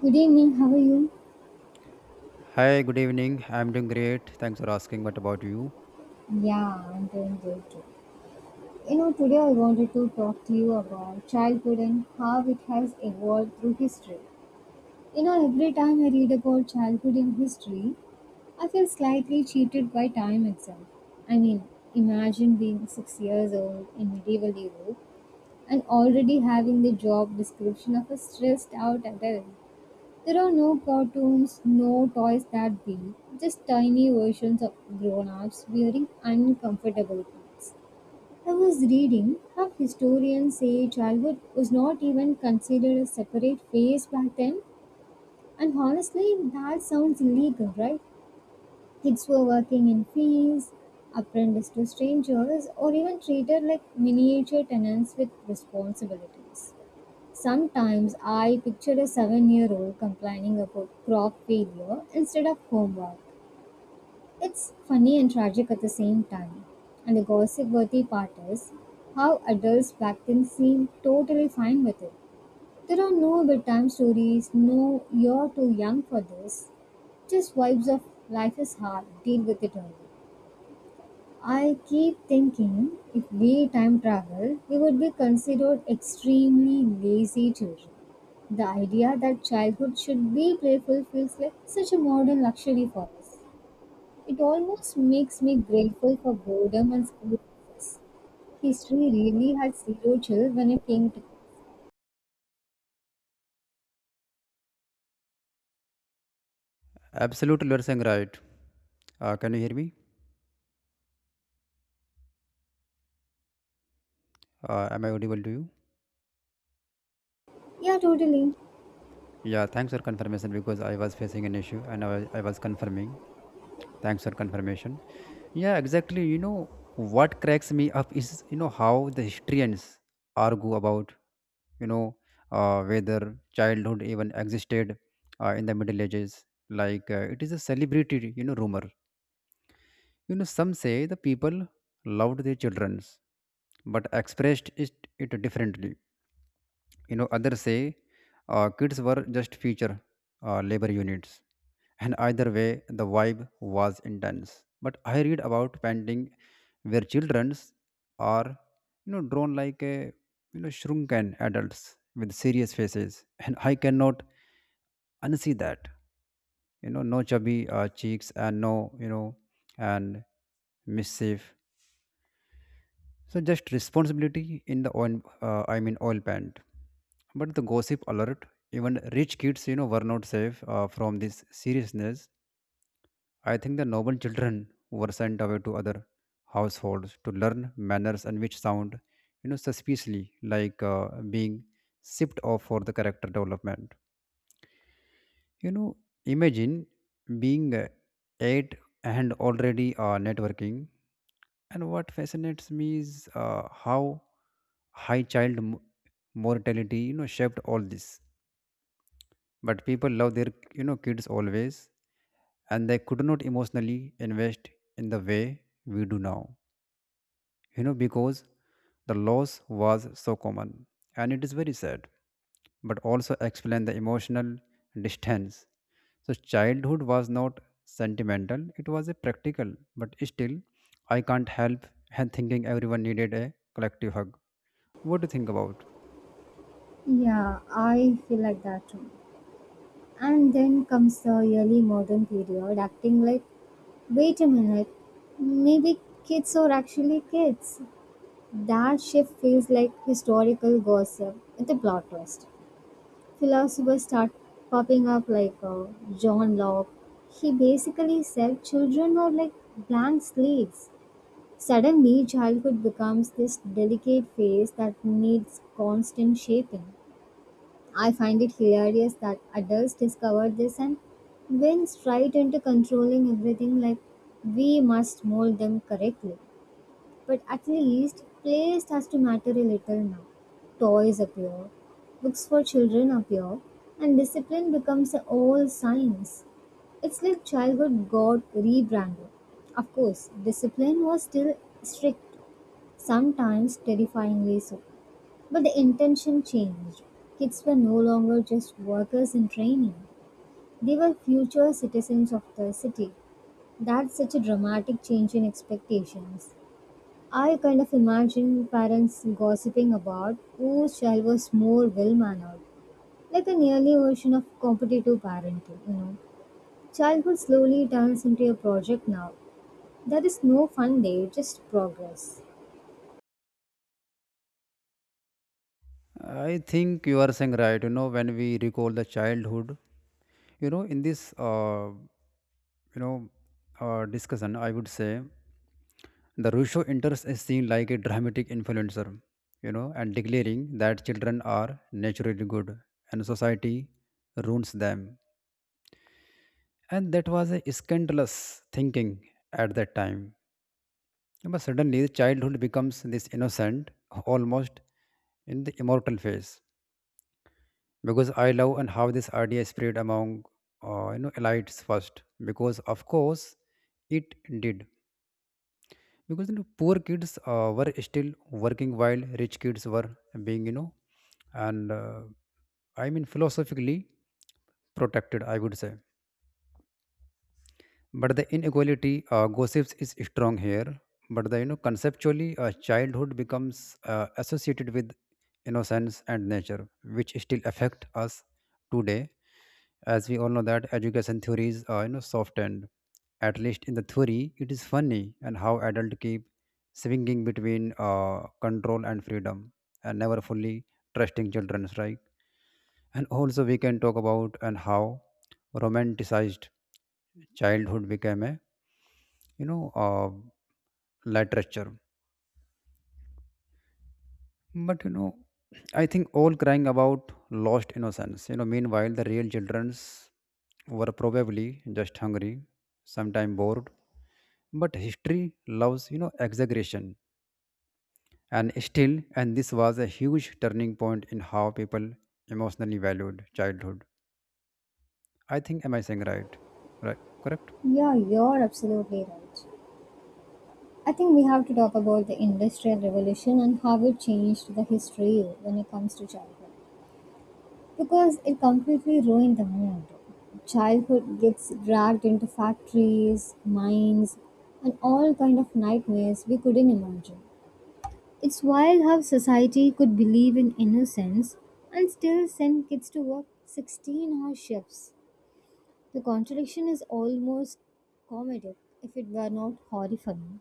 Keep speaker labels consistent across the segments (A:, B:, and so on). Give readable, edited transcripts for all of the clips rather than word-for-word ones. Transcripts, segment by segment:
A: Good evening, how are you?
B: Hi, good evening. I'm doing great. Thanks for asking. What about you?
A: Yeah, I'm doing good too. You know, today I wanted to talk to you about childhood and how it has evolved through history. You know, every time I read about childhood in history, I feel slightly cheated by time itself. I mean, imagine being 6 years old in medieval Europe and already having the job description of a stressed out adult. There are no cartoons, no toys that be, just tiny versions of grown ups wearing uncomfortable clothes. I was reading how historians say childhood was not even considered a separate phase back then, and honestly, that sounds illegal, right? Kids were working in fields, apprenticed to strangers, or even treated like miniature tenants with responsibilities. Sometimes I pictured a 7 year old complaining about crop failure instead of homework. It's funny and tragic at the same time. And the gossip worthy part is how adults back then seemed totally fine with it. There are no bedtime stories, no you're too young for this. Just vibes of life is hard, deal with it early. I keep thinking if we time travel, we would be considered extremely lazy children. The idea that childhood should be playful feels like such a modern luxury for us. It almost makes me grateful for boredom and school process. History really had zero chill when it came to.
B: Absolutely, you're saying right. Can you hear me? Am I audible to you?
A: Yeah, totally.
B: Yeah, thanks for confirmation because I was facing an issue and I was confirming. Thanks for confirmation. Yeah, exactly. What cracks me up is, how the historians argue about, you know, uh, whether childhood even existed in the Middle Ages. It is a celebrity, rumor. Some say the people loved their childrens but expressed it differently. Others say kids were just future labor units. And either way, the vibe was intense. But I read about painting where childrens are, drawn like a, shrunken adults with serious faces. And I cannot unsee that. No chubby cheeks and no and mischief. So just responsibility in the oil, I mean oil pant. But the gossip alert, even rich kids, were not safe from this seriousness. I think the noble children were sent away to other households to learn manners and which sound, suspiciously like being sipped off for the character development. You know, imagine being eight and already networking. And what fascinates me is how high child mortality, shaped all this. But people love their, kids always, and they could not emotionally invest in the way we do now, because the loss was so common and it is very sad, but also explain the emotional distance. So, childhood was not sentimental, it was a practical, but still, I can't help and thinking everyone needed a collective hug. What do you think about?
A: Yeah, I feel like that too. And then comes the early modern period, acting like, wait a minute. Maybe kids are actually kids. That shift feels like historical gossip with a plot twist. Philosophers start popping up like John Locke. He basically said children are like blank slates. Suddenly, childhood becomes this delicate phase that needs constant shaping. I find it hilarious that adults discover this and went straight into controlling everything like, we must mold them correctly. But at least place has to matter a little now. Toys appear, books for children appear, and discipline becomes a old science. It's like childhood got rebranded. Of course, discipline was still strict, sometimes terrifyingly so. But the intention changed. Kids were no longer just workers in training, they were future citizens of the city. That's such a dramatic change in expectations. I kind of imagine parents gossiping about whose child was more well mannered, like an early version of competitive parenting, you know. Childhood slowly turns into a project now. There is no fun day, just progress.
B: I think you are saying right, when we recall the childhood, you know, in this, you know, discussion, I would say the Rusho enters a scene like a dramatic influencer, and declaring that children are naturally good and society ruins them. And that was a scandalous thinking at that time. But suddenly, childhood becomes this innocent, almost in the immortal phase. Because I love and how this idea spread among elites first. Because of course, it did because poor kids were still working while rich kids were being, and philosophically protected I would say. But the inequality gossips is strong here. But the, conceptually, childhood becomes associated with innocence and nature, which still affect us today. As we all know that education theories are, softened, at least in the theory. It is funny and how adults keep swinging between control and freedom and never fully trusting children's right. And also, we can talk about and how romanticized childhood became a, you know uh, literature. But I think all crying about lost innocence. Meanwhile the real childrens were probably just hungry, sometimes bored. But history loves, exaggeration, and still, and this was a huge turning point in how people emotionally valued childhood. I think am I saying right? Right, correct.
A: Yeah, you're absolutely right. I think we have to talk about the Industrial Revolution and how it changed the history when it comes to childhood. Because it completely ruined the mood. Childhood gets dragged into factories, mines, and all kind of nightmares we couldn't imagine. It's wild how society could believe in innocence and still send kids to work 16-hour shifts. The contradiction is almost comedic if it were not horrifying.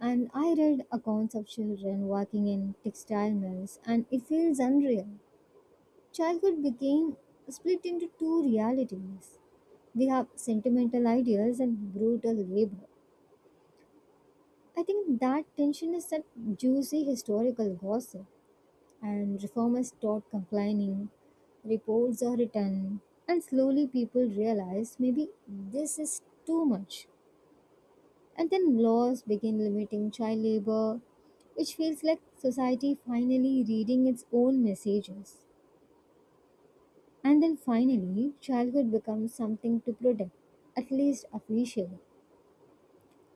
A: And I read accounts of children working in textile mills, and it feels unreal. Childhood became split into two realities. We have sentimental ideals and brutal labor. I think that tension is that juicy historical gossip, and reformers taught complaining, reports are written, and slowly people realize maybe this is too much. And then laws begin limiting child labor, which feels like society finally reading its own messages. And then finally, childhood becomes something to protect, at least officially.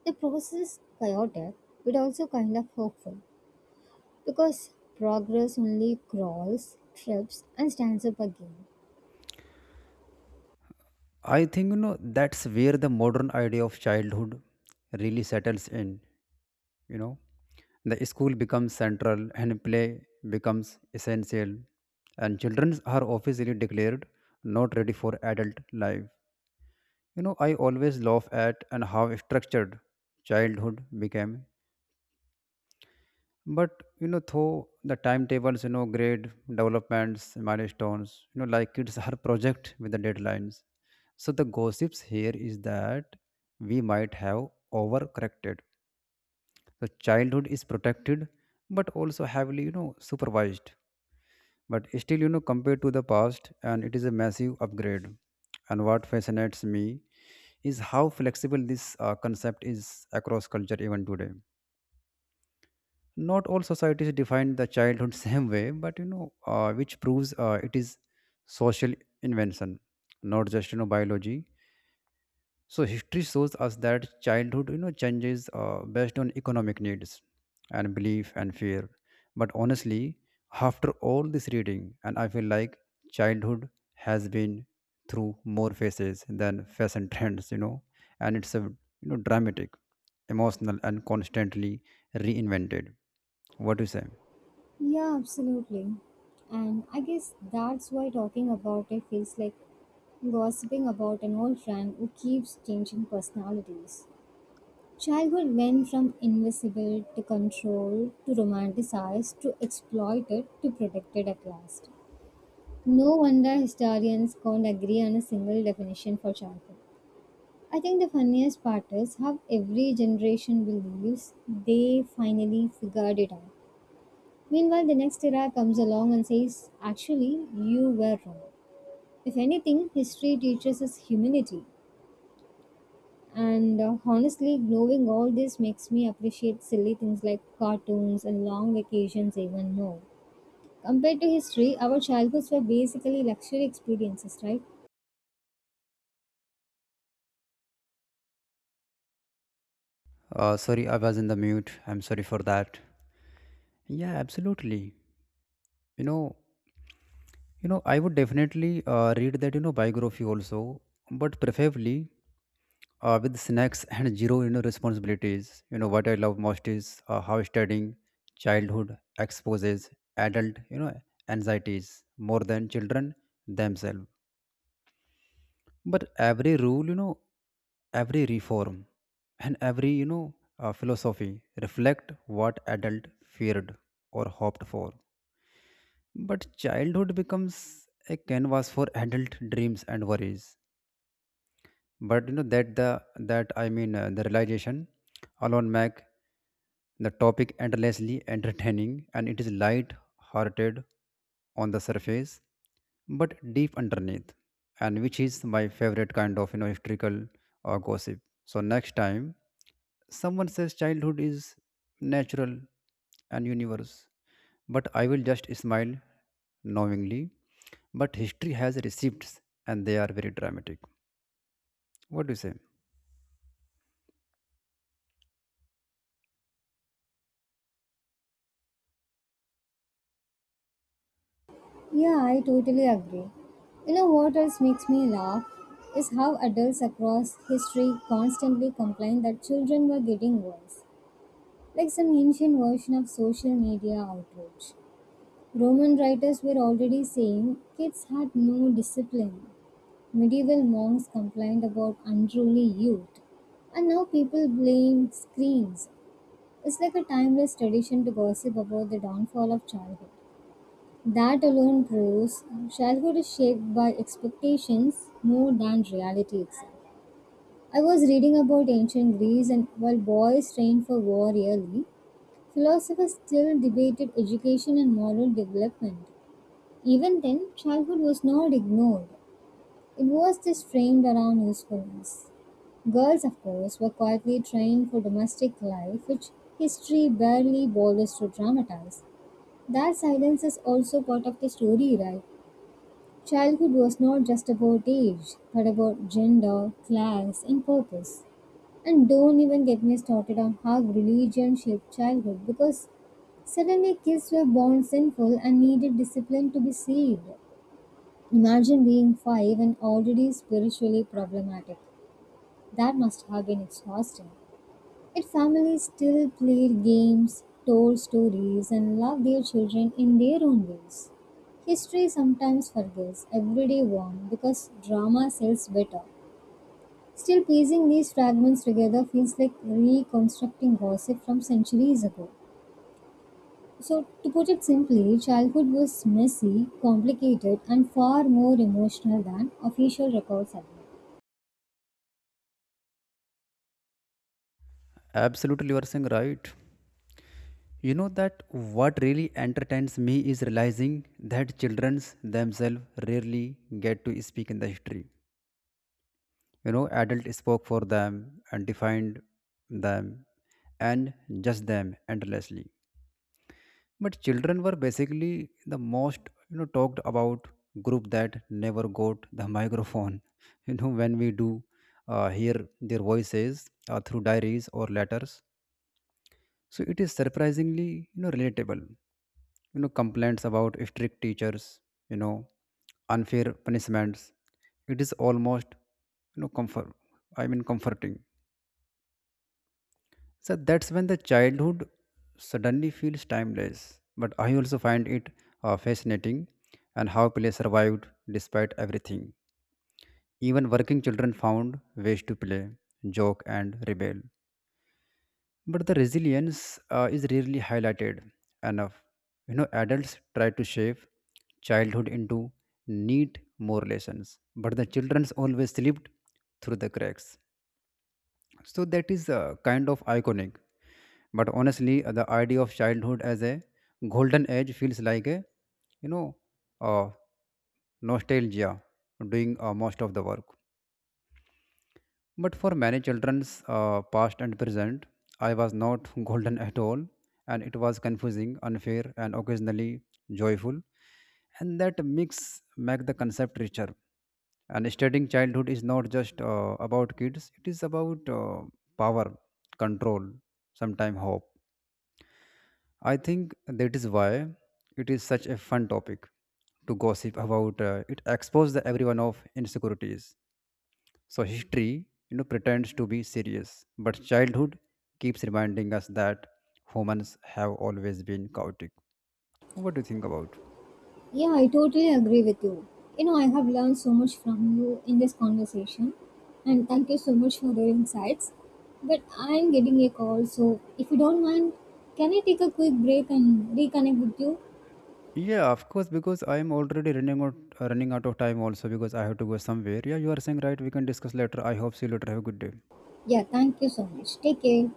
A: The process is chaotic, but also kind of hopeful, because progress only crawls, trips, and stands up again.
B: I think, that's where the modern idea of childhood really settles in. You know, the school becomes central and play becomes essential, and children are officially declared not ready for adult life. I always laugh at and how structured childhood became. But though the timetables, grade developments, milestones, like it's her project with the deadlines. So the gossips here is that we might have overcorrected. So childhood is protected, but also heavily, supervised. But still, compared to the past, and it is a massive upgrade. And what fascinates me is how flexible this concept is across culture even today. Not all societies define the childhood same way, but which proves it is social invention, not just, biology. So history shows us that childhood, changes based on economic needs and belief and fear. But honestly, after all this reading, and I feel like childhood has been through more phases than fashion trends, and it's a, dramatic, emotional, and constantly reinvented. What do you say?
A: Yeah, absolutely. And I guess that's why talking about it feels like gossiping about an old friend who keeps changing personalities. Childhood went from invisible to controlled to romanticized to exploited to protected at last. No wonder historians can't agree on a single definition for childhood. I think the funniest part is how every generation believes they finally figured it out. Meanwhile, the next era comes along and says, actually, you were wrong. If anything, history teaches us humility. And honestly, knowing all this makes me appreciate silly things like cartoons and long vacations even more. Compared to history, our childhoods were basically luxury experiences, right?
B: Sorry, I was in the mute. I'm sorry for that. Yeah, absolutely. You know, I would definitely read that, biography also, but preferably with snacks and zero, responsibilities. What I love most is how studying childhood exposes adult, anxieties more than children themselves. But every rule, every reform and every, philosophy reflect what adult feared or hoped for. But childhood becomes a canvas for adult dreams and worries. But that the that I mean the realization alone make the topic endlessly entertaining. And it is light hearted on the surface but deep underneath, and which is my favorite kind of, historical or gossip. So next time someone says childhood is natural and universe, but I will just smile knowingly. But history has receipts and they are very dramatic. What do you say?
A: Yeah, I totally agree. You know what else makes me laugh is how adults across history constantly complain that children were getting worse, like some ancient version of social media outrage. Roman writers were already saying kids had no discipline. Medieval monks complained about unruly youth. And now people blame screens. It's like a timeless tradition to gossip about the downfall of childhood. That alone proves childhood is shaped by expectations more than reality itself. I was reading about ancient Greece and while boys trained for war yearly, philosophers still debated education and moral development. Even then, childhood was not ignored. It was just framed around usefulness. Girls, of course, were quietly trained for domestic life, which history barely bothers to dramatize. That silence is also part of the story, right? Childhood was not just about age, but about gender, class, and purpose. And don't even get me started on how religion shaped childhood, because suddenly kids were born sinful and needed discipline to be saved. Imagine being five and already spiritually problematic. That must have been exhausting. Yet families still played games, told stories, and loved their children in their own ways. History sometimes forgets everyday wrong because drama sells better. Still piecing these fragments together feels like reconstructing gossip from centuries ago. So, to put it simply, childhood was messy, complicated, and far more emotional than official records admit.
B: Absolutely, you are saying right. That what really entertains me is realizing that children themselves rarely get to speak in the history. Adult spoke for them and defined them and judged them endlessly. But children were basically the most, talked about group that never got the microphone. When we do hear their voices through diaries or letters, so it is surprisingly, you know, relatable. You know, complaints about strict teachers, you know, unfair punishments. It is almost, comfort. I mean, comforting. So that's when the childhood suddenly feels timeless. But I also find it fascinating and how play survived despite everything. Even working children found ways to play, joke, and rebel. But the resilience is rarely highlighted enough. Adults try to shape childhood into neat more lessons, but the children's always slipped through the cracks. So that is kind of iconic. But honestly, the idea of childhood as a golden age feels like a, you know, uh, nostalgia doing most of the work. But for many children's past and present, I was not golden at all, and it was confusing, unfair, and occasionally joyful. And that mix make the concept richer. And studying childhood is not just about kids; it is about power, control, sometimes hope. I think that is why it is such a fun topic to gossip about. It exposes everyone of insecurities. So history, pretends to be serious, but childhood keeps reminding us that humans have always been chaotic. What do you think about?
A: Yeah, I totally agree with you. You know, I have learned so much from you in this conversation, and thank you so much for your insights. But I'm getting a call, so if you don't mind, can I take a quick break and reconnect with you?
B: Yeah, of course, because I am already running out of time also because I have to go somewhere. Yeah, you are saying right. We can discuss later. I hope see you later. Have a good day.
A: Yeah, thank you so much. Take care.